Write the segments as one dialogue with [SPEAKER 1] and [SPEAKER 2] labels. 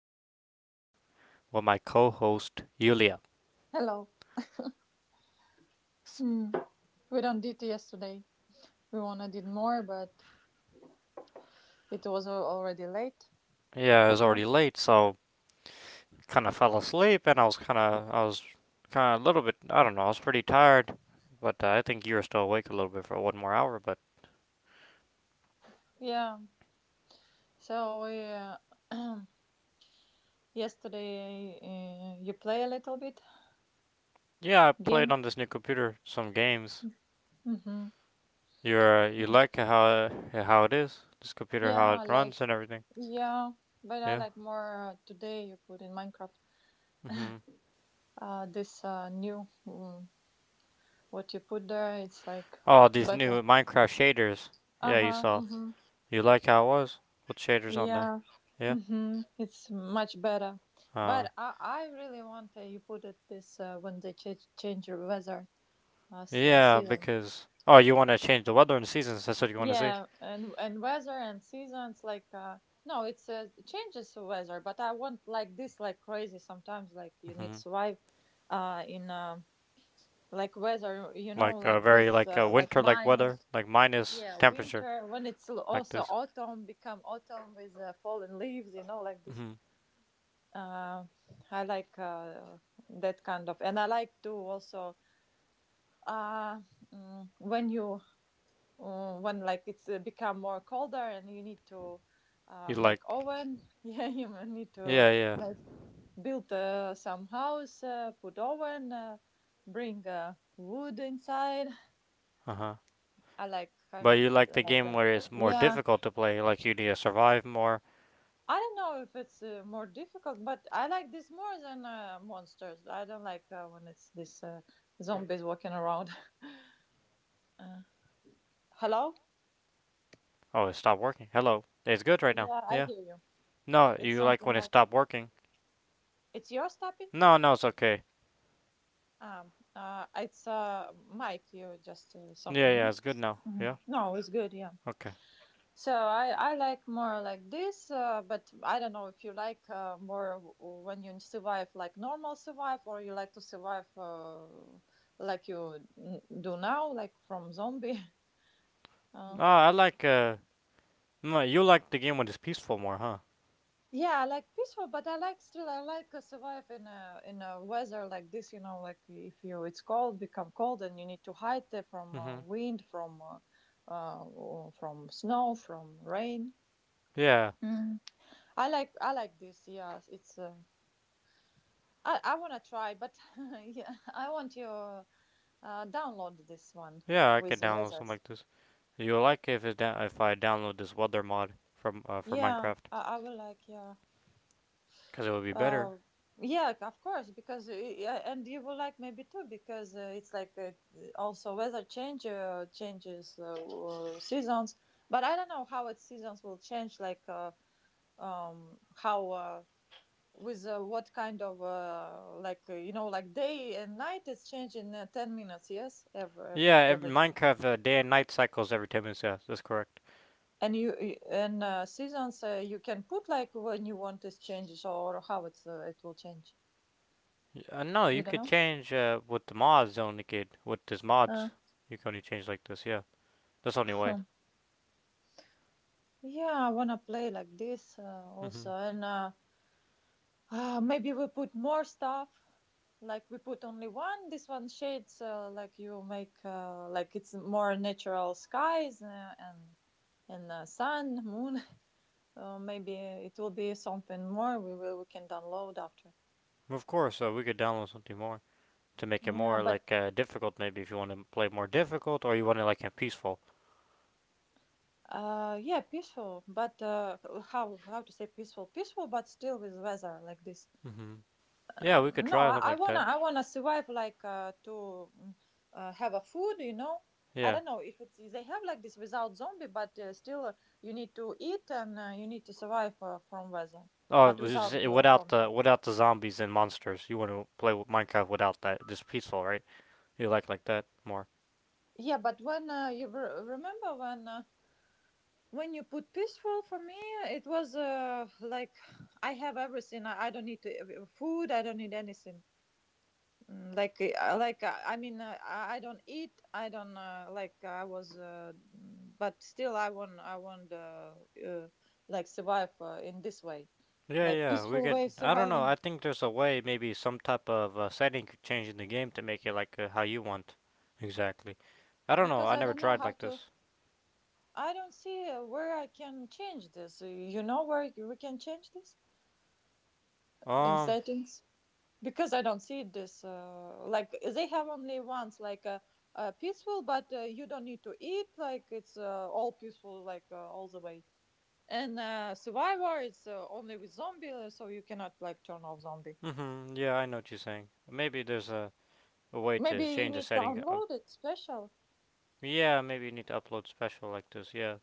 [SPEAKER 1] 25, with my co host, Yulia.
[SPEAKER 2] Hello. Hmm. We done not did yesterday. We wanna did more, but it was already late.
[SPEAKER 1] Yeah, it was
[SPEAKER 2] Yeah.
[SPEAKER 1] already late, so kind of fell asleep, and I was kind of, I was kind of a little bit, I don't know, I was pretty tired, but I think you were still awake a little bit for one more hour, but
[SPEAKER 2] Yeah. So we, yesterday you play a little bit
[SPEAKER 1] yeah, I played
[SPEAKER 2] game.
[SPEAKER 1] on this new computer some games.
[SPEAKER 2] hmm
[SPEAKER 1] You
[SPEAKER 2] Yeah,
[SPEAKER 1] like how it is, this computer,
[SPEAKER 2] yeah,
[SPEAKER 1] how it
[SPEAKER 2] I like.
[SPEAKER 1] runs and everything.
[SPEAKER 2] Yeah, but I
[SPEAKER 1] Yeah.
[SPEAKER 2] like more today. You put in Minecraft.
[SPEAKER 1] Hmm.
[SPEAKER 2] This new, what you put there. It's like
[SPEAKER 1] Oh, these new
[SPEAKER 2] better.
[SPEAKER 1] Minecraft shaders.
[SPEAKER 2] Uh
[SPEAKER 1] Yeah, you
[SPEAKER 2] huh.
[SPEAKER 1] saw. You like how it was? With shaders on there?
[SPEAKER 2] Yeah,
[SPEAKER 1] Yeah?
[SPEAKER 2] mm-hmm. It's much better.
[SPEAKER 1] Uh,
[SPEAKER 2] But I really want, you put it this, when they change the weather as,
[SPEAKER 1] yeah,
[SPEAKER 2] season.
[SPEAKER 1] because. Oh, you want to change the weather and seasons. That's what you want to see.
[SPEAKER 2] Yeah, and weather and seasons like, no, it's, changes the weather. But I want like this, like crazy sometimes, like you need
[SPEAKER 1] Hmm.
[SPEAKER 2] to survive, in, like weather,
[SPEAKER 1] Like
[SPEAKER 2] like
[SPEAKER 1] very
[SPEAKER 2] this,
[SPEAKER 1] like
[SPEAKER 2] like
[SPEAKER 1] winter like weather,
[SPEAKER 2] minus.
[SPEAKER 1] like minus
[SPEAKER 2] Yeah,
[SPEAKER 1] temperature,
[SPEAKER 2] winter, when it's
[SPEAKER 1] like
[SPEAKER 2] also
[SPEAKER 1] this.
[SPEAKER 2] autumn, become autumn with fallen leaves, like this.
[SPEAKER 1] Hmm.
[SPEAKER 2] uh, I like, that kind of, and I like to also, uh, when you, when like it's, become more colder, and you need to,
[SPEAKER 1] You
[SPEAKER 2] make
[SPEAKER 1] like.
[SPEAKER 2] oven. Yeah, you may need to
[SPEAKER 1] Yeah, yeah.
[SPEAKER 2] make, build some house, put oven, bring wood inside.
[SPEAKER 1] Uh huh.
[SPEAKER 2] I like kind
[SPEAKER 1] But
[SPEAKER 2] of
[SPEAKER 1] you like the game
[SPEAKER 2] like.
[SPEAKER 1] where it's more
[SPEAKER 2] Yeah.
[SPEAKER 1] difficult to play, like you need to survive more.
[SPEAKER 2] I don't know if it's, more difficult, but I like this more than, monsters. I don't like, when it's this, zombies walking around. Uh, Hello?
[SPEAKER 1] Oh, it stopped working. Hello. It's good right now.
[SPEAKER 2] Yeah, I
[SPEAKER 1] Yeah.
[SPEAKER 2] hear you.
[SPEAKER 1] No,
[SPEAKER 2] It's
[SPEAKER 1] you like
[SPEAKER 2] something
[SPEAKER 1] when it
[SPEAKER 2] like,
[SPEAKER 1] stopped working.
[SPEAKER 2] it's yours tapping.
[SPEAKER 1] No, no, it's okay.
[SPEAKER 2] It's mic. You just,
[SPEAKER 1] Yeah,
[SPEAKER 2] something, yeah.
[SPEAKER 1] yeah, it's good now. Yeah.
[SPEAKER 2] No, it's good, yeah.
[SPEAKER 1] Okay.
[SPEAKER 2] So I like more like this, but I don't know if you like, more when you survive like normal survive, or you like to survive, like you do now, like from zombie. Uh,
[SPEAKER 1] Oh, I like No, you like the game when it's peaceful more, huh?
[SPEAKER 2] Yeah, I like peaceful, but I like still, I like survive in a weather like this. You know, like if you it's cold, become cold, and you need to hide there from
[SPEAKER 1] Mm-hmm.
[SPEAKER 2] wind, from or from snow, from rain.
[SPEAKER 1] Yeah,
[SPEAKER 2] Mm. I like this. Yes, it's. I wanna try, but yeah, I want you download this one
[SPEAKER 1] yeah, I
[SPEAKER 2] with
[SPEAKER 1] could
[SPEAKER 2] the
[SPEAKER 1] download
[SPEAKER 2] weather.
[SPEAKER 1] something like this. You like it if if I download this weather mod from for
[SPEAKER 2] Yeah,
[SPEAKER 1] Minecraft,
[SPEAKER 2] I will like. Yeah.
[SPEAKER 1] because it would be better.
[SPEAKER 2] Uh, yeah, of course, because, yeah, and you will like maybe too, because it's like, also weather change, changes, seasons, but I don't know how its seasons will change, like, how, with, what kind of, like, you know, like day and night is changing 10 minutes, yes, every every
[SPEAKER 1] Yeah, in
[SPEAKER 2] every time.
[SPEAKER 1] Minecraft day and night cycles every 10 minutes. Yeah, that's correct.
[SPEAKER 2] And and, seasons, you can put like when you want this changes, or how it's, it will change.
[SPEAKER 1] No,
[SPEAKER 2] You
[SPEAKER 1] you could
[SPEAKER 2] don't
[SPEAKER 1] change with the mods only. Kid, with this mods,
[SPEAKER 2] know.
[SPEAKER 1] you can only change like this. Yeah, that's the only way.
[SPEAKER 2] Uh, Yeah, I wanna play like this,
[SPEAKER 1] Mm-hmm.
[SPEAKER 2] also, and maybe we put more stuff. Like we put only one. This one shades, like you make, like it's more natural skies, and sun, moon. Maybe it will be something more. We can download after.
[SPEAKER 1] Of course, we could download something more to make it
[SPEAKER 2] Yeah,
[SPEAKER 1] more
[SPEAKER 2] but,
[SPEAKER 1] like difficult. Maybe if you want to play more difficult, or you want to like it peaceful.
[SPEAKER 2] yeah, peaceful. But, how to say peaceful? Peaceful, but still with weather like this.
[SPEAKER 1] Mm-hmm. Yeah, we could
[SPEAKER 2] No,
[SPEAKER 1] try something
[SPEAKER 2] I, I
[SPEAKER 1] like
[SPEAKER 2] wanna
[SPEAKER 1] that.
[SPEAKER 2] I wanna survive like, to, mm, have a food. I
[SPEAKER 1] Yeah.
[SPEAKER 2] don't know if it's they have like this without zombie, but, still, you need to eat, and you need to survive from weather,
[SPEAKER 1] Oh, it
[SPEAKER 2] but
[SPEAKER 1] was just,
[SPEAKER 2] without
[SPEAKER 1] it
[SPEAKER 2] the
[SPEAKER 1] without
[SPEAKER 2] zombie.
[SPEAKER 1] the without the zombies and monsters. You want to play with Minecraft without that? Just peaceful, right? You like that more?
[SPEAKER 2] Yeah, but when, you remember, when you put peaceful for me, it was, like I have everything. I don't need to, food. I don't need anything. Like, like, I mean, I don't eat, I don't, like I was, but still I want, uh, like survive, in this way,
[SPEAKER 1] Yeah,
[SPEAKER 2] like
[SPEAKER 1] yeah. We
[SPEAKER 2] peaceful
[SPEAKER 1] could.
[SPEAKER 2] way
[SPEAKER 1] I don't know.
[SPEAKER 2] surviving,
[SPEAKER 1] I think there's a way, maybe some type of setting could change in the game to make it like how you want. Exactly. I don't know.
[SPEAKER 2] because
[SPEAKER 1] I
[SPEAKER 2] I
[SPEAKER 1] never
[SPEAKER 2] don't know
[SPEAKER 1] tried
[SPEAKER 2] how
[SPEAKER 1] like
[SPEAKER 2] to,
[SPEAKER 1] this.
[SPEAKER 2] I don't see, where I can change this. You know where we can change this in
[SPEAKER 1] Um.
[SPEAKER 2] settings, because I don't see this, like they have only once, like, peaceful, but, you don't need to eat, like it's, all peaceful, like, all the way. And, Survivor, it's, only with zombie, so you cannot like turn off zombie.
[SPEAKER 1] Mhm. Yeah, I know what you're saying. Maybe there's a way
[SPEAKER 2] Maybe
[SPEAKER 1] to
[SPEAKER 2] you
[SPEAKER 1] change the
[SPEAKER 2] need to
[SPEAKER 1] setting.
[SPEAKER 2] download it special.
[SPEAKER 1] Yeah, maybe you need to upload special like this. Yeah,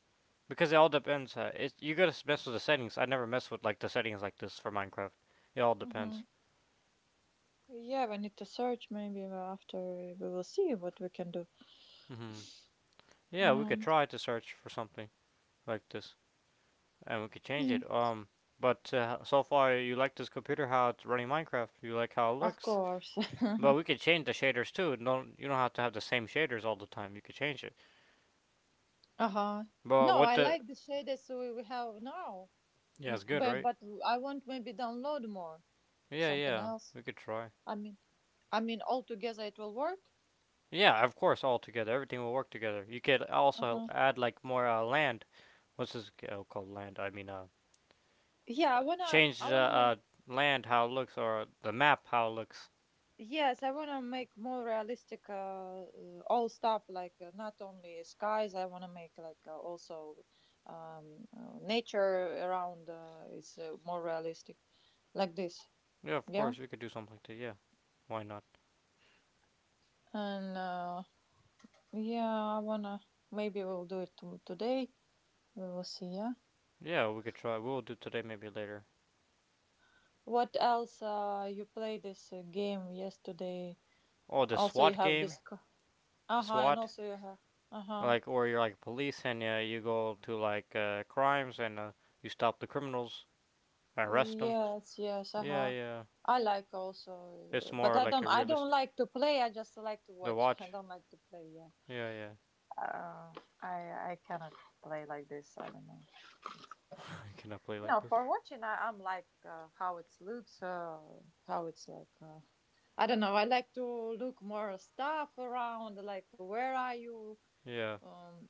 [SPEAKER 1] because it all depends. It you gotta mess with the settings. I never mess with like the settings like this for Minecraft. It all
[SPEAKER 2] Hmm.
[SPEAKER 1] depends.
[SPEAKER 2] Yeah, we need to search. Maybe, after, we will see what we can do.
[SPEAKER 1] Hmm. Yeah, we could
[SPEAKER 2] Um,
[SPEAKER 1] try to search for something like this, and we could change
[SPEAKER 2] yeah.
[SPEAKER 1] it. But so far you like this computer how it's running Minecraft. You like how it
[SPEAKER 2] Of
[SPEAKER 1] looks.
[SPEAKER 2] course. Uh
[SPEAKER 1] But we could change the shaders too. Don't you don't have to have the same shaders all the time. You could change it.
[SPEAKER 2] huh.
[SPEAKER 1] But
[SPEAKER 2] No,
[SPEAKER 1] what
[SPEAKER 2] I
[SPEAKER 1] the?
[SPEAKER 2] like the shaders we have now.
[SPEAKER 1] Yeah, it's good,
[SPEAKER 2] But,
[SPEAKER 1] right?
[SPEAKER 2] I want maybe download more,
[SPEAKER 1] Yeah,
[SPEAKER 2] something
[SPEAKER 1] yeah.
[SPEAKER 2] else.
[SPEAKER 1] We could try.
[SPEAKER 2] I mean, I mean, all together it will work.
[SPEAKER 1] Yeah, of course, all together. Everything will work together. You could
[SPEAKER 2] Uh
[SPEAKER 1] also
[SPEAKER 2] huh.
[SPEAKER 1] add like more land. What's this oh, called? Land.
[SPEAKER 2] Yeah, I wanna
[SPEAKER 1] Change
[SPEAKER 2] I
[SPEAKER 1] the
[SPEAKER 2] wanna make.
[SPEAKER 1] land how it looks or the map how it looks.
[SPEAKER 2] Yes, I want to make more realistic, all stuff like, not only skies. I want to make like, also, nature around, is, more realistic, like this.
[SPEAKER 1] Yeah, of
[SPEAKER 2] Yeah,
[SPEAKER 1] course, we could do something like that. Yeah, why not?
[SPEAKER 2] and, yeah, I wanna, maybe we'll do it to today. We will see. Yeah.
[SPEAKER 1] Yeah, we could try. We'll do today, maybe later.
[SPEAKER 2] What else? You play this, game yesterday.
[SPEAKER 1] Oh, the
[SPEAKER 2] Also, you
[SPEAKER 1] SWAT
[SPEAKER 2] have
[SPEAKER 1] game.
[SPEAKER 2] this. Uh huh. And
[SPEAKER 1] SWAT.
[SPEAKER 2] also you have. Uh huh.
[SPEAKER 1] Like, or you're like police and you go to like crimes and you stop the criminals, arrest them.
[SPEAKER 2] Yes, yes,
[SPEAKER 1] Yeah,
[SPEAKER 2] uh-huh.
[SPEAKER 1] yeah.
[SPEAKER 2] I like also,
[SPEAKER 1] It's
[SPEAKER 2] but
[SPEAKER 1] more
[SPEAKER 2] I
[SPEAKER 1] like
[SPEAKER 2] don't.
[SPEAKER 1] a
[SPEAKER 2] I don't
[SPEAKER 1] realist.
[SPEAKER 2] like to play. I just like to
[SPEAKER 1] The
[SPEAKER 2] watch. I
[SPEAKER 1] watch.
[SPEAKER 2] don't like to play. Yeah,
[SPEAKER 1] Yeah, yeah.
[SPEAKER 2] uh, I cannot play like this. I don't know.
[SPEAKER 1] I cannot play like
[SPEAKER 2] No,
[SPEAKER 1] this.
[SPEAKER 2] for watching, I'm like, how it looks, how it's like. I don't know. I like to look more stuff around, like where are you?
[SPEAKER 1] Yeah.
[SPEAKER 2] Um,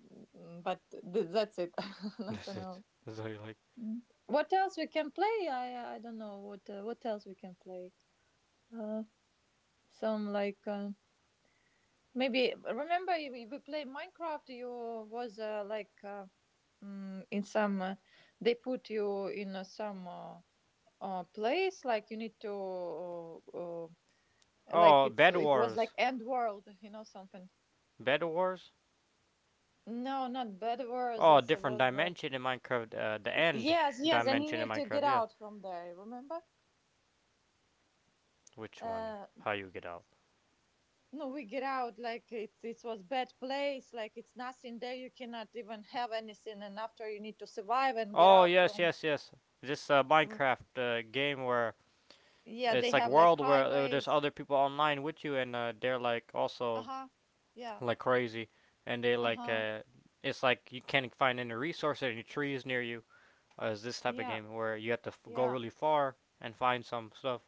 [SPEAKER 2] but that's it.
[SPEAKER 1] That's
[SPEAKER 2] Nothing
[SPEAKER 1] it.
[SPEAKER 2] else.
[SPEAKER 1] That's all you like.
[SPEAKER 2] Mm. What else we can play? I don't know what, what else we can play. Uh, some like, maybe remember we played Minecraft, you was, like, in some, they put you in, some, place, like you need to, like
[SPEAKER 1] Oh,
[SPEAKER 2] it's
[SPEAKER 1] Bed
[SPEAKER 2] it was like
[SPEAKER 1] Wars.
[SPEAKER 2] end world, something.
[SPEAKER 1] Bed Wars?
[SPEAKER 2] No, not bad wars, it
[SPEAKER 1] Oh, different
[SPEAKER 2] was,
[SPEAKER 1] dimension in Minecraft. The end
[SPEAKER 2] yes, yes, and you
[SPEAKER 1] dimension in
[SPEAKER 2] need to get
[SPEAKER 1] Minecraft, yeah.
[SPEAKER 2] out from there, remember?
[SPEAKER 1] Which one?
[SPEAKER 2] uh,
[SPEAKER 1] How you get out?
[SPEAKER 2] No, we get out, like it was bad place, like it's nothing there. You cannot even have anything, and after you need to survive and get
[SPEAKER 1] Oh,
[SPEAKER 2] out
[SPEAKER 1] yes,
[SPEAKER 2] from.
[SPEAKER 1] yes, yes. This
[SPEAKER 2] Mm.
[SPEAKER 1] Minecraft game where
[SPEAKER 2] Yeah,
[SPEAKER 1] it's
[SPEAKER 2] they
[SPEAKER 1] like
[SPEAKER 2] have like
[SPEAKER 1] world where there's
[SPEAKER 2] highways.
[SPEAKER 1] other people online with you and they're like
[SPEAKER 2] Uh
[SPEAKER 1] also
[SPEAKER 2] huh. Yeah.
[SPEAKER 1] like crazy and they
[SPEAKER 2] Uh
[SPEAKER 1] like
[SPEAKER 2] huh.
[SPEAKER 1] it's like you can't find any resources any trees near you is this type of
[SPEAKER 2] Yeah.
[SPEAKER 1] game where you have to go
[SPEAKER 2] Yeah.
[SPEAKER 1] really far and find some stuff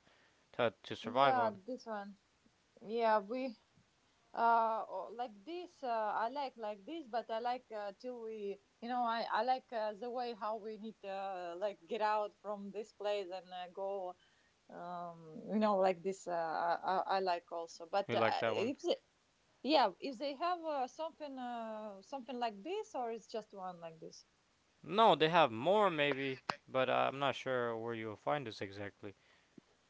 [SPEAKER 1] to survive
[SPEAKER 2] Yeah.
[SPEAKER 1] on.
[SPEAKER 2] This one. Yeah, we, like this. I like this, but I like, till we, I like, the way how we need to, like get out from this place and, go, like this, I like also, but,
[SPEAKER 1] You like that one?
[SPEAKER 2] if they, yeah, if they have, something like this, or it's just one like this.
[SPEAKER 1] No, they have more maybe, but I'm not sure where you'll find this exactly.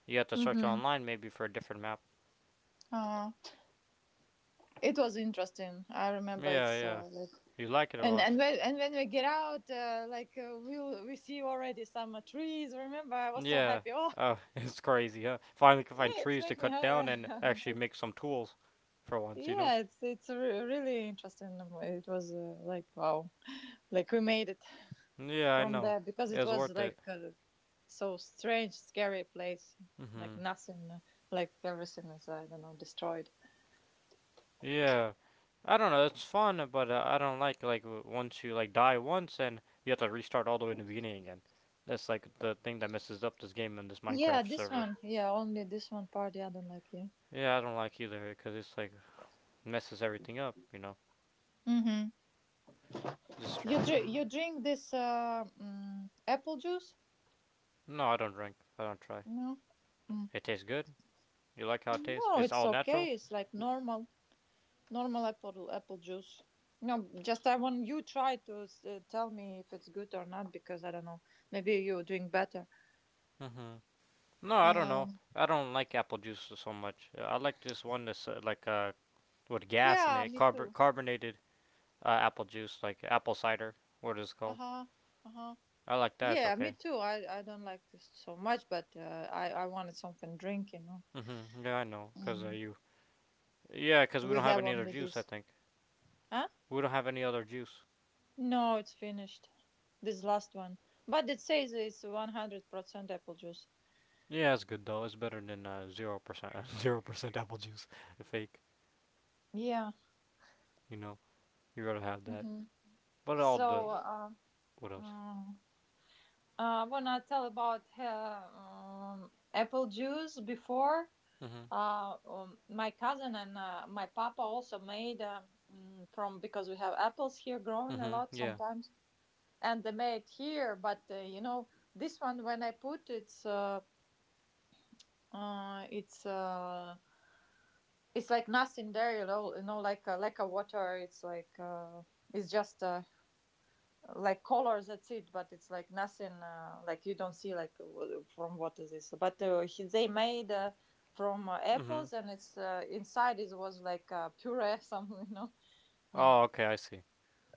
[SPEAKER 1] You have to search
[SPEAKER 2] Mm-hmm.
[SPEAKER 1] online maybe for a different map.
[SPEAKER 2] uh, it was interesting, I remember
[SPEAKER 1] Yeah,
[SPEAKER 2] it's,
[SPEAKER 1] yeah.
[SPEAKER 2] like,
[SPEAKER 1] You like it a
[SPEAKER 2] and
[SPEAKER 1] lot.
[SPEAKER 2] and when and when we get out, like, we see already some, trees, remember I was so
[SPEAKER 1] Yeah.
[SPEAKER 2] happy. Oh,
[SPEAKER 1] Oh, it's crazy, huh? Finally can find
[SPEAKER 2] yeah, it's
[SPEAKER 1] trees to
[SPEAKER 2] make me
[SPEAKER 1] cut down
[SPEAKER 2] happy.
[SPEAKER 1] and actually make some tools for once, you know?
[SPEAKER 2] Yeah, it's really interesting. It was, like wow, like we made it
[SPEAKER 1] Yeah, I
[SPEAKER 2] from
[SPEAKER 1] know.
[SPEAKER 2] there, because
[SPEAKER 1] It
[SPEAKER 2] it
[SPEAKER 1] was
[SPEAKER 2] was
[SPEAKER 1] worth it.
[SPEAKER 2] like, so strange, scary place. Like
[SPEAKER 1] Hmm.
[SPEAKER 2] nothing, like everything is, I don't know, destroyed.
[SPEAKER 1] Yeah. I don't know, it's fun, but I don't like once you like die once and you have to restart all the way in the beginning again. That's like the thing that messes up this game and this
[SPEAKER 2] Yeah,
[SPEAKER 1] Minecraft
[SPEAKER 2] this
[SPEAKER 1] server.
[SPEAKER 2] one. Yeah, only this one part. Yeah, I don't like. Yeah.
[SPEAKER 1] Yeah, I don't like either because it's like messes everything up. You know,
[SPEAKER 2] Mm-hmm.
[SPEAKER 1] just
[SPEAKER 2] You dr-
[SPEAKER 1] strange.
[SPEAKER 2] you drink this, apple juice?
[SPEAKER 1] No, I don't drink. I don't try.
[SPEAKER 2] No. Mm.
[SPEAKER 1] It tastes good. You like how it tastes?
[SPEAKER 2] No,
[SPEAKER 1] It's
[SPEAKER 2] it's
[SPEAKER 1] all natural.
[SPEAKER 2] okay. It's like normal apple juice. No, just I want you try to, tell me if it's good or not, because I don't know. Maybe you drink better.
[SPEAKER 1] Mhm. No, I don't know.
[SPEAKER 2] Um.
[SPEAKER 1] I don't like apple juice so much. I like this one that's like with gas in
[SPEAKER 2] Yeah,
[SPEAKER 1] it,
[SPEAKER 2] me too.
[SPEAKER 1] carbonated apple juice, like apple cider. What is it called?
[SPEAKER 2] Uh-huh. Uh-huh.
[SPEAKER 1] I like that. It's
[SPEAKER 2] Yeah, me
[SPEAKER 1] okay.
[SPEAKER 2] too. I don't like this so much, but, I wanted something drink.
[SPEAKER 1] Mhm. Yeah, I know. Cause
[SPEAKER 2] Mm.
[SPEAKER 1] you. Yeah, cause we
[SPEAKER 2] We
[SPEAKER 1] don't have
[SPEAKER 2] have
[SPEAKER 1] any other
[SPEAKER 2] only
[SPEAKER 1] juice. I
[SPEAKER 2] this.
[SPEAKER 1] think
[SPEAKER 2] Huh?
[SPEAKER 1] we don't have any other juice.
[SPEAKER 2] No, it's finished. This last one. But it says it's 100% apple juice.
[SPEAKER 1] Yeah, it's good though. It's better than 0% 0% apple juice, the fake.
[SPEAKER 2] Yeah.
[SPEAKER 1] You know, you rather have that.
[SPEAKER 2] Hmm.
[SPEAKER 1] But all the
[SPEAKER 2] So,
[SPEAKER 1] what else?
[SPEAKER 2] uh, when I tell about, apple juice before,
[SPEAKER 1] Mhm.
[SPEAKER 2] My cousin and, my papa also made, from, because we have apples here growing a
[SPEAKER 1] Mhm.
[SPEAKER 2] lot
[SPEAKER 1] Yeah.
[SPEAKER 2] sometimes, and they made here. But, this one when I put it's, uh it's uh it's like nothing there, like a water. It's like, it's just, like colors, that's it, but it's like nothing, like you don't see like from what is this. But, they made, from,
[SPEAKER 1] Mhm.
[SPEAKER 2] apples, and it's, inside it was like, puree, something. Like
[SPEAKER 1] Oh, okay. I see.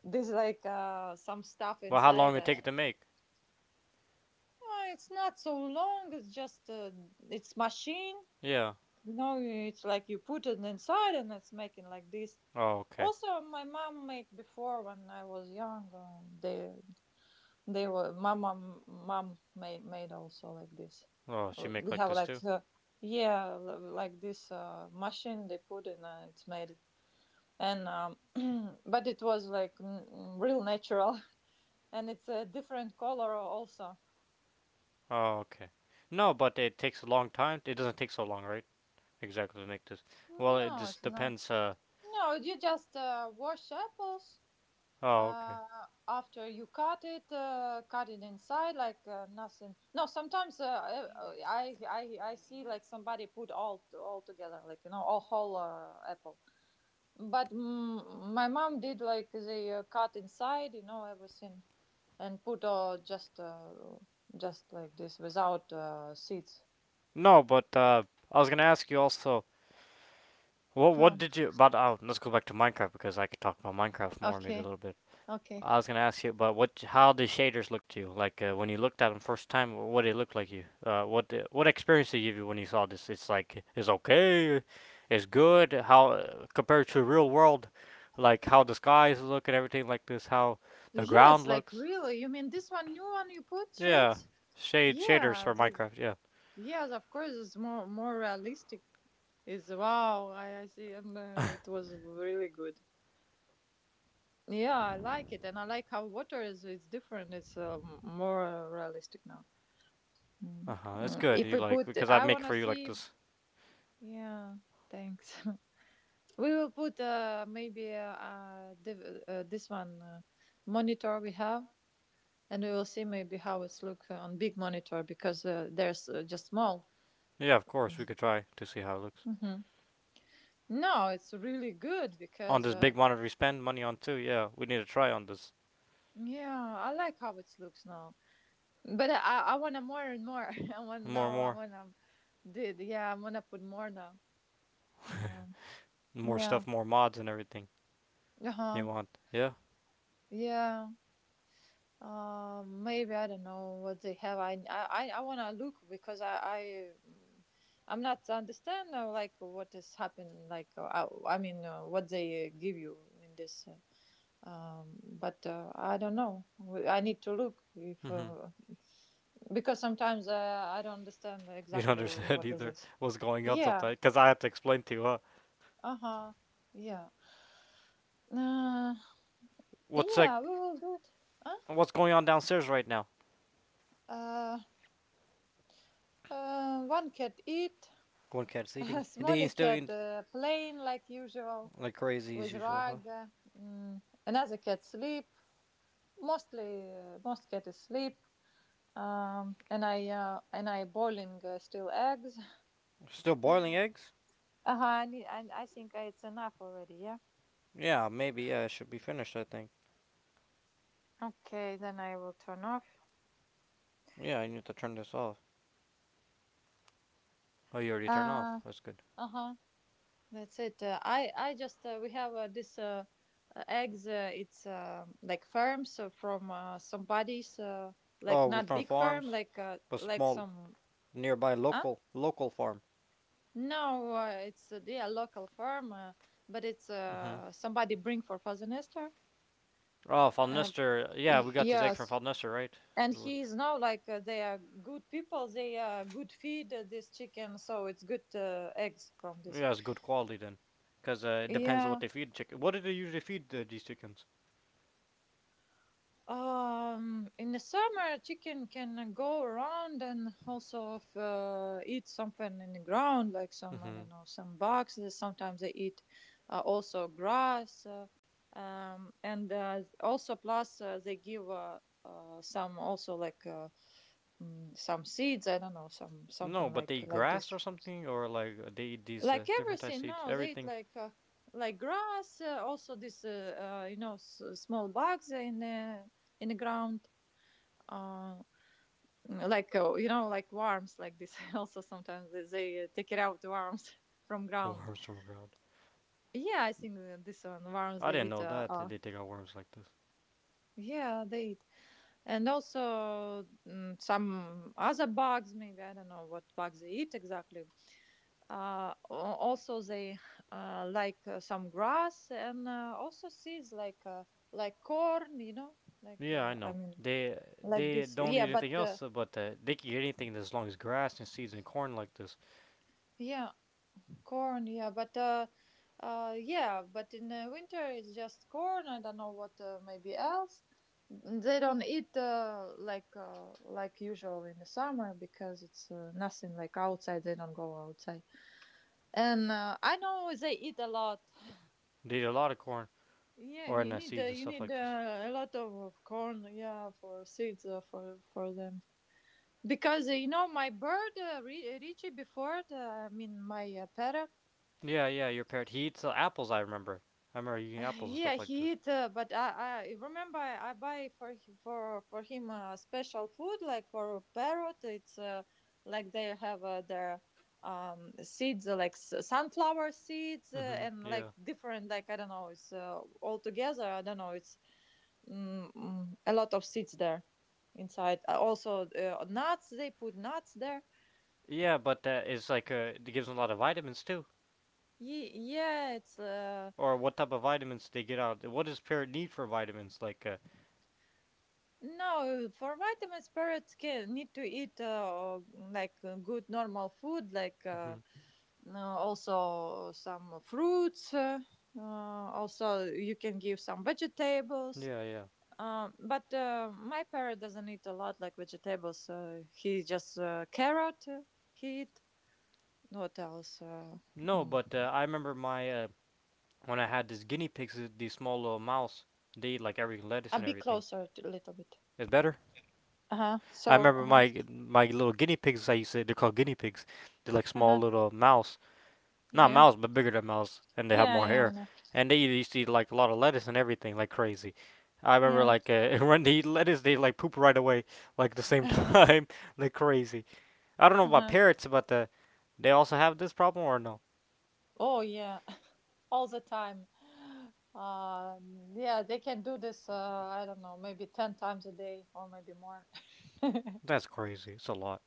[SPEAKER 2] this, like, some stuff
[SPEAKER 1] Well, how long
[SPEAKER 2] inside,
[SPEAKER 1] it take to make?
[SPEAKER 2] it's not so long, it's just, it's machine,
[SPEAKER 1] Yeah.
[SPEAKER 2] you know, it's like you put it inside and it's making like this.
[SPEAKER 1] Oh, okay.
[SPEAKER 2] Also, my mom make before, when I was young, they. They were my mom. Mom made also like this.
[SPEAKER 1] Oh, she
[SPEAKER 2] We
[SPEAKER 1] make like
[SPEAKER 2] have
[SPEAKER 1] this
[SPEAKER 2] like,
[SPEAKER 1] too.
[SPEAKER 2] yeah, like this, machine they put in. It's made, and but it was like real natural, and it's a different color also.
[SPEAKER 1] Oh, okay. No, but it takes a long time. It doesn't take so long, right? Exactly to make this. Well, it
[SPEAKER 2] No, it's
[SPEAKER 1] just
[SPEAKER 2] not.
[SPEAKER 1] depends.
[SPEAKER 2] No, you just wash apples.
[SPEAKER 1] Oh, okay.
[SPEAKER 2] Uh, after you cut it inside like nothing. No, sometimes I see like somebody put all together, like all whole apple. But my mom did like they cut inside, everything, and put just like this without seeds.
[SPEAKER 1] No, but I was gonna ask you also. What
[SPEAKER 2] Huh.
[SPEAKER 1] did you? But oh, let's go back to Minecraft because I could talk about Minecraft more maybe a
[SPEAKER 2] Okay.
[SPEAKER 1] little bit.
[SPEAKER 2] Okay.
[SPEAKER 1] I was gonna ask you about what how the shaders look to you. Like when you looked at them first time, what it looked like you. What what experience did you give you when you saw this? It's like it's okay, it's good. How compared to real world, like how the skies look and everything like this, how the ground
[SPEAKER 2] Yes, like
[SPEAKER 1] looks.
[SPEAKER 2] really. You mean this one, new one you put
[SPEAKER 1] Yeah,
[SPEAKER 2] shades?
[SPEAKER 1] shaders
[SPEAKER 2] Yeah,
[SPEAKER 1] for
[SPEAKER 2] the.
[SPEAKER 1] Minecraft. Yeah,
[SPEAKER 2] Yes, of course, it's more realistic. It's wow, I see, and it was really good. Yeah, I like it, and I like how water is it's different. It's more realistic now. Mm.
[SPEAKER 1] uh huh. It's
[SPEAKER 2] Mm,
[SPEAKER 1] good.
[SPEAKER 2] If
[SPEAKER 1] You
[SPEAKER 2] we
[SPEAKER 1] like
[SPEAKER 2] put,
[SPEAKER 1] because I
[SPEAKER 2] I
[SPEAKER 1] make
[SPEAKER 2] wanna
[SPEAKER 1] for you like
[SPEAKER 2] see.
[SPEAKER 1] this.
[SPEAKER 2] Yeah, thanks. We will put maybe this one monitor we have, and we will see maybe how it's look on big monitor because there's just small.
[SPEAKER 1] Yeah, of course we could try to see how it looks
[SPEAKER 2] Hmm. No, it's really good
[SPEAKER 1] on
[SPEAKER 2] because.
[SPEAKER 1] this big monitor we spend money on too. Yeah, we need to try on this
[SPEAKER 2] Yeah, I like how it looks now. But I wanna more and more. I want
[SPEAKER 1] more and
[SPEAKER 2] now. I
[SPEAKER 1] more.
[SPEAKER 2] wanna did. Yeah, I wanna put more now. Um,
[SPEAKER 1] More
[SPEAKER 2] yeah.
[SPEAKER 1] stuff, more mods and everything.
[SPEAKER 2] Uh
[SPEAKER 1] You
[SPEAKER 2] huh.
[SPEAKER 1] want, yeah?
[SPEAKER 2] Yeah. Maybe I don't know what they have. I wanna look because mm, I'm not understand like what is happening. Like I mean what they give you in this. But I don't know. I need to look if
[SPEAKER 1] Mm-hmm.
[SPEAKER 2] because sometimes I don't understand
[SPEAKER 1] You don't
[SPEAKER 2] exactly
[SPEAKER 1] understand
[SPEAKER 2] what is
[SPEAKER 1] either
[SPEAKER 2] this.
[SPEAKER 1] what's going on
[SPEAKER 2] Yeah.
[SPEAKER 1] sometimes, because I had to explain to you, huh?
[SPEAKER 2] Uh huh. Yeah. Uh,
[SPEAKER 1] What's like,
[SPEAKER 2] yeah. We will do it. Huh?
[SPEAKER 1] what's going on downstairs right now?
[SPEAKER 2] Uh, One cat eat.
[SPEAKER 1] One cat's eating.
[SPEAKER 2] A
[SPEAKER 1] And they
[SPEAKER 2] smaller
[SPEAKER 1] ain't still
[SPEAKER 2] cat
[SPEAKER 1] eating
[SPEAKER 2] playing like usual
[SPEAKER 1] like crazy as
[SPEAKER 2] with
[SPEAKER 1] usual, huh?
[SPEAKER 2] rug. Another cat sleep. Mostly, most cat is sleep. And I boiling still eggs.
[SPEAKER 1] Still boiling eggs?
[SPEAKER 2] Uh huh. I, need- I think it's enough already. Yeah.
[SPEAKER 1] Yeah, maybe. Yeah, it should be finished, I think.
[SPEAKER 2] Okay. Then I will turn off.
[SPEAKER 1] Yeah, I need to turn this off. Oh, you already turned off.
[SPEAKER 2] Uh
[SPEAKER 1] That's good.
[SPEAKER 2] Uh-huh. That's it. I just, we have this, eggs. It's like firms from somebody's,
[SPEAKER 1] Oh,
[SPEAKER 2] like
[SPEAKER 1] we're
[SPEAKER 2] not
[SPEAKER 1] from
[SPEAKER 2] big firm,
[SPEAKER 1] farms, a
[SPEAKER 2] like
[SPEAKER 1] small,
[SPEAKER 2] some.
[SPEAKER 1] nearby
[SPEAKER 2] Huh?
[SPEAKER 1] local, local farm.
[SPEAKER 2] No, it's yeah local firm, but it's
[SPEAKER 1] Mm-hmm.
[SPEAKER 2] somebody bring for Fazenester.
[SPEAKER 1] Oh,
[SPEAKER 2] Uh,
[SPEAKER 1] Falnester. Yeah, we got these eggs from
[SPEAKER 2] yes,
[SPEAKER 1] Falnester, right?
[SPEAKER 2] and he is now, like they are good people. They are good feed this chicken, so it's good eggs from this.
[SPEAKER 1] Yeah, it's good quality then, because it depends on what
[SPEAKER 2] Yeah.
[SPEAKER 1] they feed chicken. What do they usually feed these chickens?
[SPEAKER 2] In the summer, chicken can go around and also if, eat something in the ground, like some I
[SPEAKER 1] Mm-hmm.
[SPEAKER 2] don't know some bugs. Sometimes they eat also grass, and also plus they give some also like some seeds. I don't know some
[SPEAKER 1] No,
[SPEAKER 2] something
[SPEAKER 1] but they
[SPEAKER 2] like
[SPEAKER 1] eat
[SPEAKER 2] like
[SPEAKER 1] grass
[SPEAKER 2] this.
[SPEAKER 1] or something, or like they eat these
[SPEAKER 2] Like
[SPEAKER 1] different types of
[SPEAKER 2] everything,
[SPEAKER 1] seeds,
[SPEAKER 2] no, they eat
[SPEAKER 1] everything.
[SPEAKER 2] like grass. Also this, you know, small bugs in the ground, uh, like you know, like worms like this. Also sometimes they take it out worms from ground.
[SPEAKER 1] Worms from ground.
[SPEAKER 2] Yeah, I think this one worms
[SPEAKER 1] I
[SPEAKER 2] they
[SPEAKER 1] didn't
[SPEAKER 2] eat.
[SPEAKER 1] know that that they take out worms like this.
[SPEAKER 2] Yeah they eat. And also some other bugs, maybe I don't know what bugs they eat exactly. Also they, like some grass, and also seeds like corn, you know, like
[SPEAKER 1] Yeah, I
[SPEAKER 2] I
[SPEAKER 1] know.
[SPEAKER 2] mean like
[SPEAKER 1] They
[SPEAKER 2] this,
[SPEAKER 1] don't eat
[SPEAKER 2] yeah. But
[SPEAKER 1] anything else, but they can eat anything as long as grass and seeds and corn like this.
[SPEAKER 2] yeah, corn, yeah, but in the winter it's just corn. I don't know what maybe else. They don't eat like usual in the summer because it's nothing like outside. They don't go outside, and I know they eat a lot.
[SPEAKER 1] They eat a lot of corn
[SPEAKER 2] Yeah,
[SPEAKER 1] or and seeds and
[SPEAKER 2] you
[SPEAKER 1] stuff
[SPEAKER 2] need
[SPEAKER 1] like this.
[SPEAKER 2] a lot of corn. Yeah, for seeds for them because you know my bird, Richie, before. I mean my parrot.
[SPEAKER 1] Yeah, yeah, your parrot. He eats apples. I remember. I remember eating apples and
[SPEAKER 2] Yeah,
[SPEAKER 1] stuff like
[SPEAKER 2] he
[SPEAKER 1] this.
[SPEAKER 2] eat, but I remember I buy for for him special food, like for a parrot. It's like they have their seeds, like sunflower seeds,
[SPEAKER 1] Mm-hmm.
[SPEAKER 2] and
[SPEAKER 1] Yeah.
[SPEAKER 2] like different, like I don't know. It's all together. I don't know. It's a lot of seeds there inside. Also, nuts. They put nuts there.
[SPEAKER 1] Yeah, but that is like it gives them a lot of vitamins too.
[SPEAKER 2] Yeah, it's.
[SPEAKER 1] Or what type of vitamins they get out? What does parrot need for vitamins? Like,
[SPEAKER 2] No, for vitamins, parrots can need to eat like good normal food, like
[SPEAKER 1] hmm
[SPEAKER 2] also some fruits. Uh, Also, you can give some vegetables.
[SPEAKER 1] yeah, yeah.
[SPEAKER 2] But my parrot doesn't eat a lot like vegetables. He just carrot. He eat. What else?
[SPEAKER 1] No,
[SPEAKER 2] Mm.
[SPEAKER 1] but I remember my when I had these guinea pigs, these small little mouse. They eat like every lettuce
[SPEAKER 2] A
[SPEAKER 1] and
[SPEAKER 2] bit
[SPEAKER 1] everything.
[SPEAKER 2] closer, to, a little bit.
[SPEAKER 1] It's better.
[SPEAKER 2] Uh huh.
[SPEAKER 1] I
[SPEAKER 2] So uh
[SPEAKER 1] remember
[SPEAKER 2] huh.
[SPEAKER 1] my my little guinea pigs. I used to. They're called guinea pigs. They're like
[SPEAKER 2] Uh
[SPEAKER 1] small
[SPEAKER 2] huh.
[SPEAKER 1] little mouse not
[SPEAKER 2] Yeah.
[SPEAKER 1] mouse, but bigger than mouse, and they have
[SPEAKER 2] Yeah.
[SPEAKER 1] more
[SPEAKER 2] Yeah.
[SPEAKER 1] hair,
[SPEAKER 2] I
[SPEAKER 1] and they used to eat like a lot of lettuce and everything like crazy. I remember
[SPEAKER 2] know.
[SPEAKER 1] like when they eat lettuce, they like poop right away, like the same
[SPEAKER 2] Yeah.
[SPEAKER 1] time, like crazy. I don't know
[SPEAKER 2] Uh
[SPEAKER 1] about
[SPEAKER 2] huh.
[SPEAKER 1] parrots, but they also have this problem or no?
[SPEAKER 2] Oh yeah, all the time. Uh, yeah, they can do this. I don't know, maybe 10 times a day or maybe more.
[SPEAKER 1] That's crazy. It's a lot.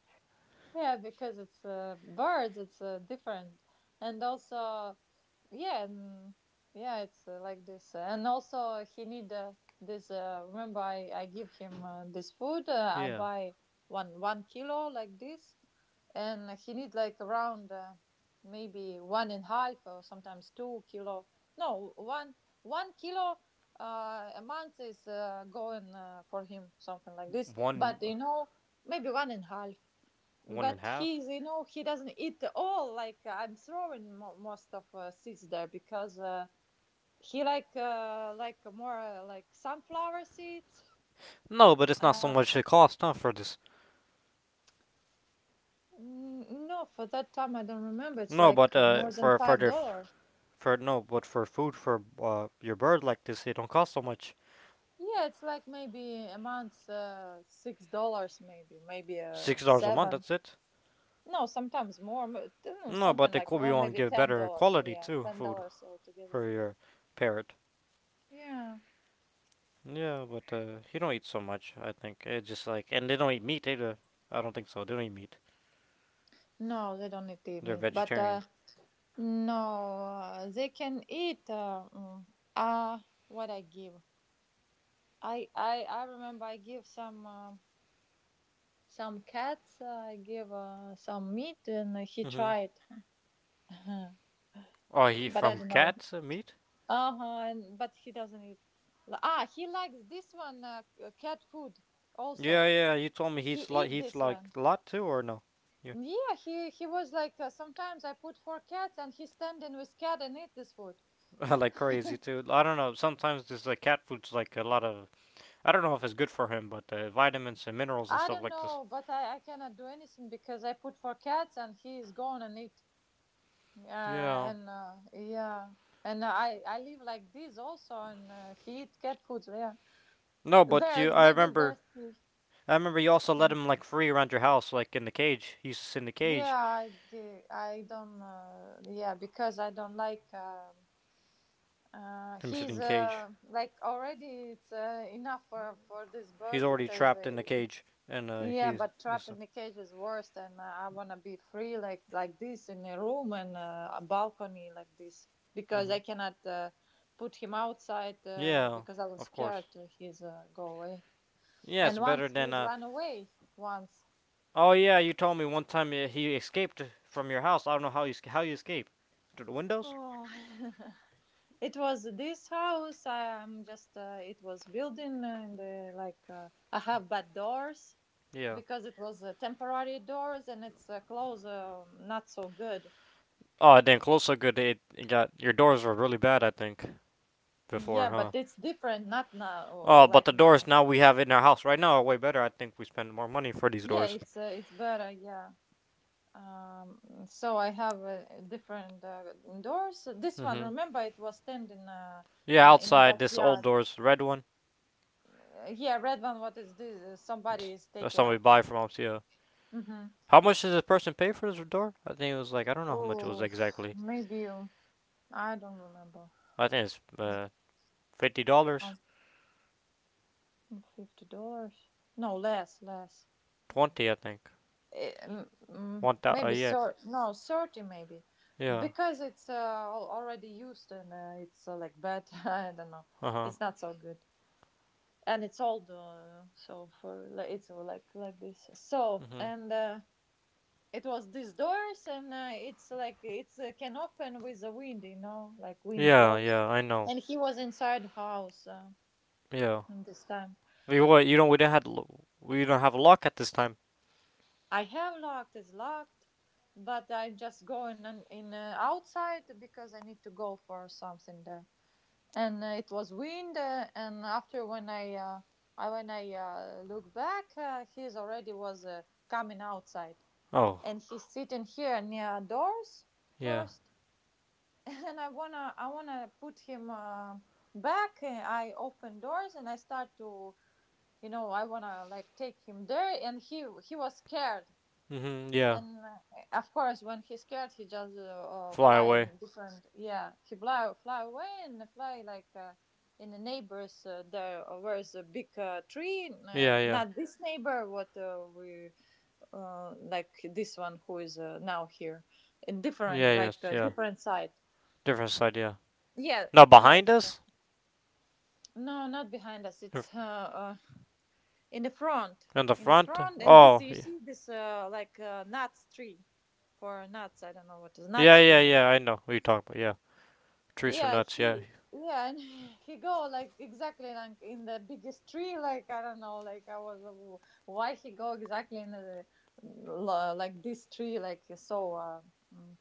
[SPEAKER 2] Yeah, because it's birds, it's different, and also, yeah, and, yeah, it's like this, and also he need this. Remember, I give him this food. I
[SPEAKER 1] Yeah,
[SPEAKER 2] buy one kilo like this, and he need like around maybe one and a half or sometimes 2 kilo. No, one kilo a month is going for him, something like this.
[SPEAKER 1] one,
[SPEAKER 2] But you know, maybe one and a half,
[SPEAKER 1] one and a
[SPEAKER 2] but
[SPEAKER 1] half.
[SPEAKER 2] he's, you know, he doesn't eat all, like I'm throwing most of seeds there, because he like more like sunflower seeds.
[SPEAKER 1] No, but it's not so
[SPEAKER 2] uh,
[SPEAKER 1] much the cost, huh, for this.
[SPEAKER 2] no, for that time I don't remember, it's
[SPEAKER 1] No,
[SPEAKER 2] like
[SPEAKER 1] but
[SPEAKER 2] more than five dollar
[SPEAKER 1] for no, but for food for your bird like this, it don't cost so much.
[SPEAKER 2] Yeah, it's like maybe a month $6, maybe
[SPEAKER 1] $6 a month.
[SPEAKER 2] seven.
[SPEAKER 1] That's it.
[SPEAKER 2] No, sometimes more. Don't know,
[SPEAKER 1] No, but
[SPEAKER 2] something
[SPEAKER 1] they
[SPEAKER 2] like
[SPEAKER 1] could be
[SPEAKER 2] around
[SPEAKER 1] on
[SPEAKER 2] maybe
[SPEAKER 1] give
[SPEAKER 2] ten
[SPEAKER 1] better
[SPEAKER 2] dollars
[SPEAKER 1] quality
[SPEAKER 2] yeah,
[SPEAKER 1] too
[SPEAKER 2] ten
[SPEAKER 1] food
[SPEAKER 2] dollars altogether.
[SPEAKER 1] for your parrot.
[SPEAKER 2] Yeah,
[SPEAKER 1] Yeah, but he don't eat so much. I think it's just like, and they don't eat meat either. I don't think so. They don't eat meat.
[SPEAKER 2] no, they don't eat the
[SPEAKER 1] They're
[SPEAKER 2] meat. But
[SPEAKER 1] vegetarian.
[SPEAKER 2] no, they can eat. Uh, what I give? I remember I give some cats. I give some meat, and he
[SPEAKER 1] Mm-hmm.
[SPEAKER 2] tried, but
[SPEAKER 1] Oh, he
[SPEAKER 2] I
[SPEAKER 1] from
[SPEAKER 2] don't know.
[SPEAKER 1] cats meat?
[SPEAKER 2] Uh huh. And but he doesn't eat. He likes this one cat food also.
[SPEAKER 1] Yeah, yeah. You told me he
[SPEAKER 2] He
[SPEAKER 1] eats lot.
[SPEAKER 2] eat
[SPEAKER 1] He eats
[SPEAKER 2] this
[SPEAKER 1] like
[SPEAKER 2] one.
[SPEAKER 1] a lot too, or no? Yeah,
[SPEAKER 2] Yeah, he was like sometimes I put four cats and he standing with cat and eat this food.
[SPEAKER 1] like crazy too. I don't know. Sometimes this like cat food's like a lot of. I don't know if it's good for him, but vitamins and minerals and
[SPEAKER 2] I
[SPEAKER 1] stuff
[SPEAKER 2] don't
[SPEAKER 1] like this.
[SPEAKER 2] know, but I cannot do anything because I put for cats and he is gone and eat.
[SPEAKER 1] Yeah.
[SPEAKER 2] And Yeah, and I live like this also, and he eat cat food. So, yeah,
[SPEAKER 1] No, but you.
[SPEAKER 2] there's
[SPEAKER 1] I
[SPEAKER 2] maybe
[SPEAKER 1] remember
[SPEAKER 2] there's.
[SPEAKER 1] I remember you also let
[SPEAKER 2] Mm.
[SPEAKER 1] him like free around your house, like in the cage. He used to sit in the cage.
[SPEAKER 2] Yeah, I don't. Yeah, because I don't like.
[SPEAKER 1] Him sitting
[SPEAKER 2] He's
[SPEAKER 1] in the cage.
[SPEAKER 2] like already, it's enough for this
[SPEAKER 1] He's
[SPEAKER 2] bird,
[SPEAKER 1] already
[SPEAKER 2] because
[SPEAKER 1] trapped in the cage, and
[SPEAKER 2] yeah,
[SPEAKER 1] he's
[SPEAKER 2] but trap
[SPEAKER 1] he's.
[SPEAKER 2] in the cage is worse than. I want to be free, like this, in a room and a balcony like this, because I
[SPEAKER 1] Hmm.
[SPEAKER 2] cannot put him outside,
[SPEAKER 1] Yeah,
[SPEAKER 2] because I was
[SPEAKER 1] of course.
[SPEAKER 2] scared to his go away.
[SPEAKER 1] Yeah,
[SPEAKER 2] And
[SPEAKER 1] it's better
[SPEAKER 2] once
[SPEAKER 1] than.
[SPEAKER 2] he's run away, once.
[SPEAKER 1] Oh yeah, you told me one time he escaped from your house. I don't know how you escaped. Through the windows?
[SPEAKER 2] Oh, it was this house. I'm just. It was building, and like I have bad doors,
[SPEAKER 1] Yeah.
[SPEAKER 2] because it was temporary doors, and it's closed, not so good.
[SPEAKER 1] Oh, it didn't close so good. It got your doors were really bad, I think, before,
[SPEAKER 2] Yeah,
[SPEAKER 1] huh?
[SPEAKER 2] but it's different, not now,
[SPEAKER 1] Oh, but
[SPEAKER 2] like
[SPEAKER 1] the doors
[SPEAKER 2] now.
[SPEAKER 1] now we have in our house right now are way better. I think we spend more money for these
[SPEAKER 2] Yeah,
[SPEAKER 1] doors.
[SPEAKER 2] it's better. Yeah. So I have a different doors. This one,
[SPEAKER 1] Hmm.
[SPEAKER 2] remember, it was standing
[SPEAKER 1] Yeah,
[SPEAKER 2] in a
[SPEAKER 1] outside this old
[SPEAKER 2] backyard.
[SPEAKER 1] doors, red one.
[SPEAKER 2] Yeah, red one. What is this? Somebody is
[SPEAKER 1] That's
[SPEAKER 2] taking
[SPEAKER 1] something we buy
[SPEAKER 2] after.
[SPEAKER 1] from Omcia.
[SPEAKER 2] Mm-hmm.
[SPEAKER 1] How much did this person pay for this door? I think it was like I don't know how much it was
[SPEAKER 2] Oh,
[SPEAKER 1] exactly.
[SPEAKER 2] maybe I don't remember.
[SPEAKER 1] I think it's fifty
[SPEAKER 2] Um,
[SPEAKER 1] dollars,
[SPEAKER 2] $50? No, less, less.
[SPEAKER 1] twenty I think.
[SPEAKER 2] Maybe
[SPEAKER 1] Yeah,
[SPEAKER 2] sir no 30 maybe,
[SPEAKER 1] yeah,
[SPEAKER 2] because it's already used, and it's like bad. I don't know,
[SPEAKER 1] uh huh,
[SPEAKER 2] it's not so good. And it's old, it's like this, so.
[SPEAKER 1] mhm.
[SPEAKER 2] And it was these doors, and it's like, it's can open with the wind, you know, like wind
[SPEAKER 1] Yeah,
[SPEAKER 2] blows,
[SPEAKER 1] yeah, I know.
[SPEAKER 2] and he was inside house
[SPEAKER 1] Yeah,
[SPEAKER 2] in this time.
[SPEAKER 1] we didn't have. We don't have a lock at this time.
[SPEAKER 2] I have locked, it's locked, but I'm just going on in, outside, because I need to go for something there. And it was wind, and after, when I when I look back, he's already was coming outside,
[SPEAKER 1] Oh,
[SPEAKER 2] and he's sitting here near doors
[SPEAKER 1] yeah,
[SPEAKER 2] first. And I wanna put him back. I open doors and I start to I wanna like take him there, and he was scared
[SPEAKER 1] mhm, yeah.
[SPEAKER 2] and of course when he's scared he just
[SPEAKER 1] Fly
[SPEAKER 2] fly
[SPEAKER 1] away.
[SPEAKER 2] in different, yeah, he fly away and fly like in the neighbors, there, where's a big tree,
[SPEAKER 1] Yeah, yeah,
[SPEAKER 2] not this neighbor what we like, this one who is now here, in different,
[SPEAKER 1] yeah, yes,
[SPEAKER 2] like,
[SPEAKER 1] yeah.
[SPEAKER 2] different side.
[SPEAKER 1] Different side, yeah.
[SPEAKER 2] Yeah,
[SPEAKER 1] Now
[SPEAKER 2] yeah,
[SPEAKER 1] behind
[SPEAKER 2] different.
[SPEAKER 1] us,
[SPEAKER 2] No, not behind us,
[SPEAKER 1] in
[SPEAKER 2] it's in the front.
[SPEAKER 1] the
[SPEAKER 2] In the
[SPEAKER 1] front.
[SPEAKER 2] front. And this,
[SPEAKER 1] Oh,
[SPEAKER 2] you see this, like, nuts tree, for nuts. I don't know what is
[SPEAKER 1] yeah,
[SPEAKER 2] nuts tree,
[SPEAKER 1] yeah,
[SPEAKER 2] maybe.
[SPEAKER 1] yeah. I know what you're talking about. Yeah, trees for
[SPEAKER 2] Yeah,
[SPEAKER 1] nuts. Yeah,
[SPEAKER 2] he, yeah. And he go like exactly like in the biggest tree, like, I don't know, like I was why he go exactly in the like this tree, like so mm,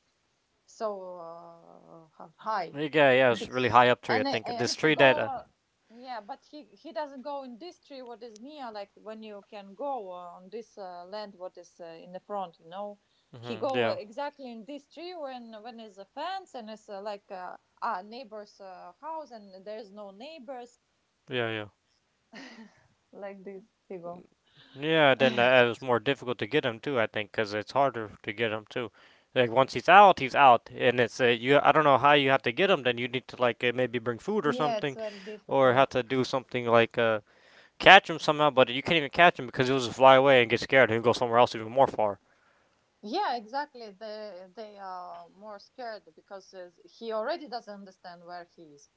[SPEAKER 2] high.
[SPEAKER 1] Yeah, yeah,
[SPEAKER 2] Be-
[SPEAKER 1] it's really high up tree. I
[SPEAKER 2] and
[SPEAKER 1] think
[SPEAKER 2] and
[SPEAKER 1] this
[SPEAKER 2] he
[SPEAKER 1] tree that.
[SPEAKER 2] go, yeah, but he doesn't go in this tree what is near, like when you can go on this land what is in the front, you know. He
[SPEAKER 1] Mhm,
[SPEAKER 2] go
[SPEAKER 1] yeah,
[SPEAKER 2] exactly in this tree when is a fence, and it's like, neighbor's house, and there's no neighbors
[SPEAKER 1] yeah, yeah,
[SPEAKER 2] like this he go.
[SPEAKER 1] yeah. Then it was more difficult to get him too. I think because it's harder to get him too. Like once he's out, and it's you. I don't know how you have to get him. Then you need to like maybe bring food or
[SPEAKER 2] Yeah, it's
[SPEAKER 1] something,
[SPEAKER 2] very
[SPEAKER 1] or have
[SPEAKER 2] difficult.
[SPEAKER 1] to do something like catch him somehow. But you can't even catch him because he'll just fly away and get scared. And He'll go somewhere else even more far.
[SPEAKER 2] Yeah, exactly, they are more scared because he already doesn't understand where he is.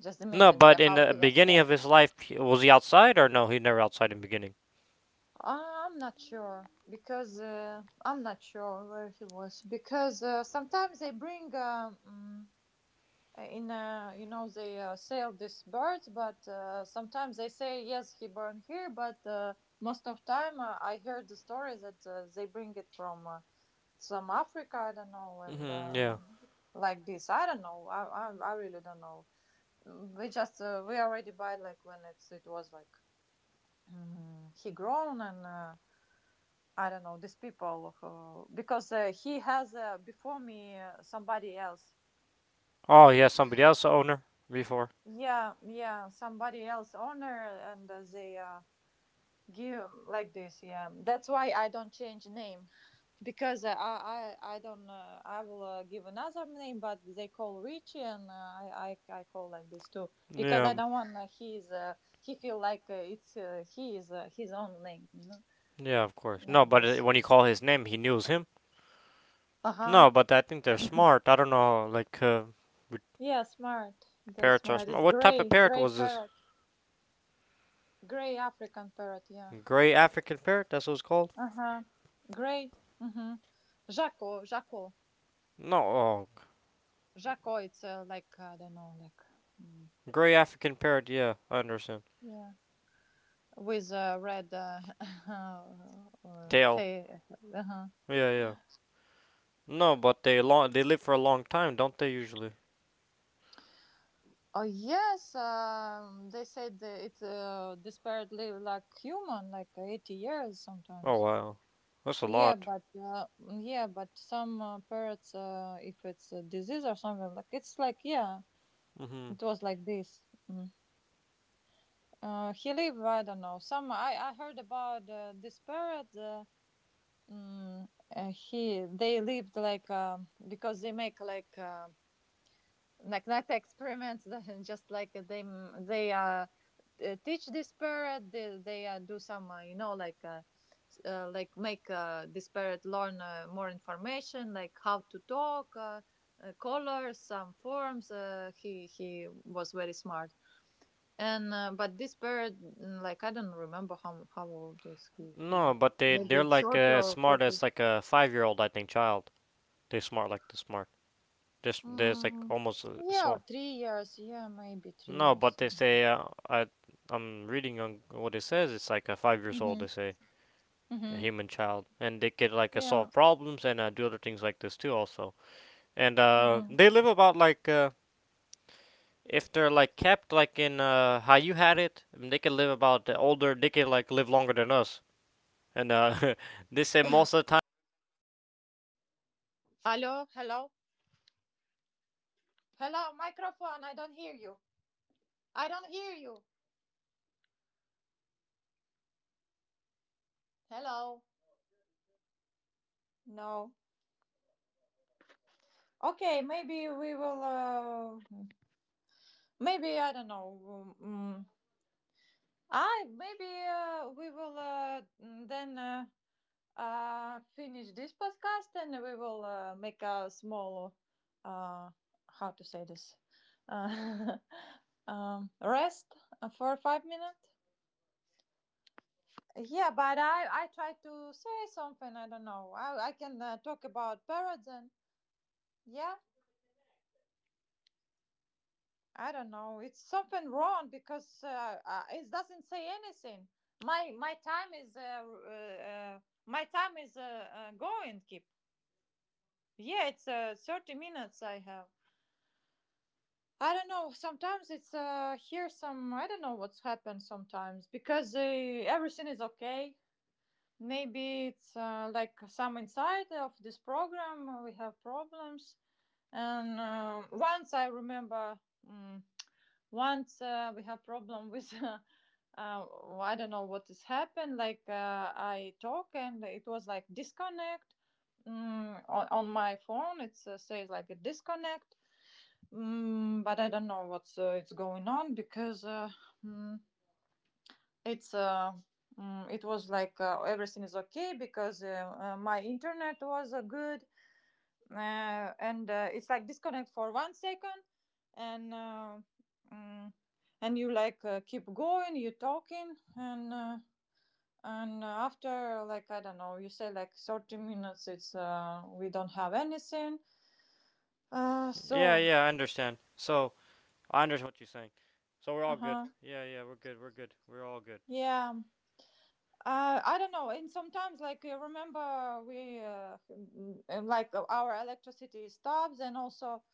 [SPEAKER 2] Just
[SPEAKER 1] No,
[SPEAKER 2] imagine here
[SPEAKER 1] but in
[SPEAKER 2] how
[SPEAKER 1] the
[SPEAKER 2] he was
[SPEAKER 1] beginning of
[SPEAKER 2] scared.
[SPEAKER 1] his life, was he outside or no? He never outside in the beginning.
[SPEAKER 2] I'm not sure, because I'm not sure where he was, because sometimes they bring in, you know, they sell these birds, but sometimes they say yes, he born here, but most of time I heard the story that they bring it from some Africa, I don't know, and
[SPEAKER 1] Hmm, yeah.
[SPEAKER 2] um, like this, I don't know. I really don't know. We just we already buy like when it was like, he grown, and I don't know these people who, because he has before me somebody else.
[SPEAKER 1] Oh, he has somebody else a owner before.
[SPEAKER 2] Yeah, yeah, somebody else owner, and they give like this. Yeah, that's why I don't change name, because I don't I will give another name, but they call Richie, and I call like this too, because
[SPEAKER 1] Yeah,
[SPEAKER 2] I don't want he's he feel like it's he is his own name, you know,
[SPEAKER 1] yeah, of course.
[SPEAKER 2] like
[SPEAKER 1] No, but
[SPEAKER 2] this.
[SPEAKER 1] when you call his name, he knows him.
[SPEAKER 2] Uh huh.
[SPEAKER 1] No, but I think they're smart. I don't know, with
[SPEAKER 2] Yeah, smart. They
[SPEAKER 1] parrots are
[SPEAKER 2] smart. It's
[SPEAKER 1] smart. What type of
[SPEAKER 2] gray,
[SPEAKER 1] parrot
[SPEAKER 2] gray
[SPEAKER 1] was this?
[SPEAKER 2] parrot, gray African parrot. Yeah.
[SPEAKER 1] Gray African parrot? That's what it's called?
[SPEAKER 2] Uh huh. Gray. Mm hmm. Jaco, Jaco,
[SPEAKER 1] No, oh,
[SPEAKER 2] Jaco. It's like I don't know, like mm,
[SPEAKER 1] gray African parrot. Yeah, I understand.
[SPEAKER 2] yeah, with a red
[SPEAKER 1] Tail.
[SPEAKER 2] tail. Uh-huh.
[SPEAKER 1] Yeah, yeah. No, but they long, they live for a long time, don't they usually?
[SPEAKER 2] Oh yes, they said that it this parrot live like human, like 80 years
[SPEAKER 1] Oh
[SPEAKER 2] sometimes.
[SPEAKER 1] wow, that's a
[SPEAKER 2] Yeah,
[SPEAKER 1] lot.
[SPEAKER 2] but yeah, but some parrots, if it's a disease or something, like it's like, yeah,
[SPEAKER 1] Mhm.
[SPEAKER 2] it was like this. Mm. He live, I don't know. Some I heard about this parrot. Mm, he they lived like, because they make like, like not experiments, just like they, teach this parrot, they do some you know, like like make this parrot learn more information, like how to talk, colors, some forms. He was very smart. And But this parrot, like I don't remember how old is he
[SPEAKER 1] No,
[SPEAKER 2] he
[SPEAKER 1] but they're
[SPEAKER 2] maybe
[SPEAKER 1] like
[SPEAKER 2] 30
[SPEAKER 1] as
[SPEAKER 2] or
[SPEAKER 1] smart
[SPEAKER 2] 40.
[SPEAKER 1] as like a 5 year old, I think, child. They smart like the smart. Just they're like
[SPEAKER 2] mm,
[SPEAKER 1] almost
[SPEAKER 2] yeah, or
[SPEAKER 1] smart.
[SPEAKER 2] 3 years, yeah, maybe three
[SPEAKER 1] No,
[SPEAKER 2] years
[SPEAKER 1] but
[SPEAKER 2] I
[SPEAKER 1] they
[SPEAKER 2] don't
[SPEAKER 1] say I I'm reading on what it says. It's like a 5 years old.
[SPEAKER 2] know.
[SPEAKER 1] They say a
[SPEAKER 2] Mm-hmm.
[SPEAKER 1] human child, and they could like
[SPEAKER 2] Yeah.
[SPEAKER 1] solve problems and do other things like this too. Also, and
[SPEAKER 2] Mm-hmm.
[SPEAKER 1] they live about like if they're like kept like in how you had it, they can live about the older. They can like live longer than us. And they say most of the time they live longer than their owners, and their owners are already
[SPEAKER 2] Hello,
[SPEAKER 1] they die
[SPEAKER 2] hello,
[SPEAKER 1] and they still alive still sometimes.
[SPEAKER 2] hello, microphone. I don't hear you. I don't
[SPEAKER 1] You
[SPEAKER 2] hear
[SPEAKER 1] know,
[SPEAKER 2] you. Hello. No. Okay, maybe we will. Maybe I don't know. I maybe we will then finish this podcast, and we will make a small, Uh, how to say this? Uh, rest for 5 minutes. Yeah, but I try to say something. I don't know. I can talk about parrots and, yeah, I don't know. It's something wrong, because it doesn't say anything. My time is my time is going. Keep, yeah, it's 30 minutes I have. I don't know. Sometimes it's here, some, I don't know what's happened sometimes, because everything is okay, maybe it's like some inside of this program we have problems. And Once I remember, um, once we have problem, with uh, I don't know what has happened, like I talk, and it was like disconnect. On my phone it says like a disconnect. But I don't know what's it's going on, because mm, it's uh, it was like, everything is okay, because my internet was good, and it's like disconnect for 1 second, and uh, mm, and you like keep going, you talking, and after like I don't know, you say like 30 minutes, it's we don't have anything. So, uh huh, yeah. I don't know. And sometimes, like you remember, we like our electricity stops, and also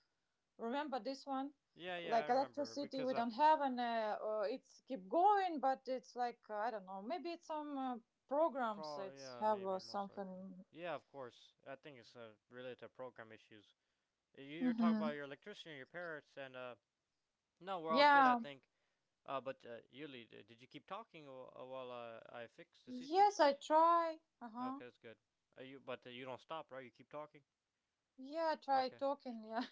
[SPEAKER 2] remember this one, like electricity we don't have, and it's keep going, but it's like, I don't know, maybe it's some programs it's have or something. Mm-hmm. Yeah. Yes, I try. Uh huh. Yeah, I try talking. Yeah.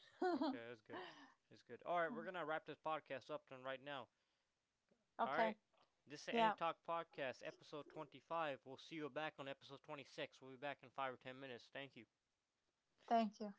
[SPEAKER 2] Okay. Yeah. Thank you.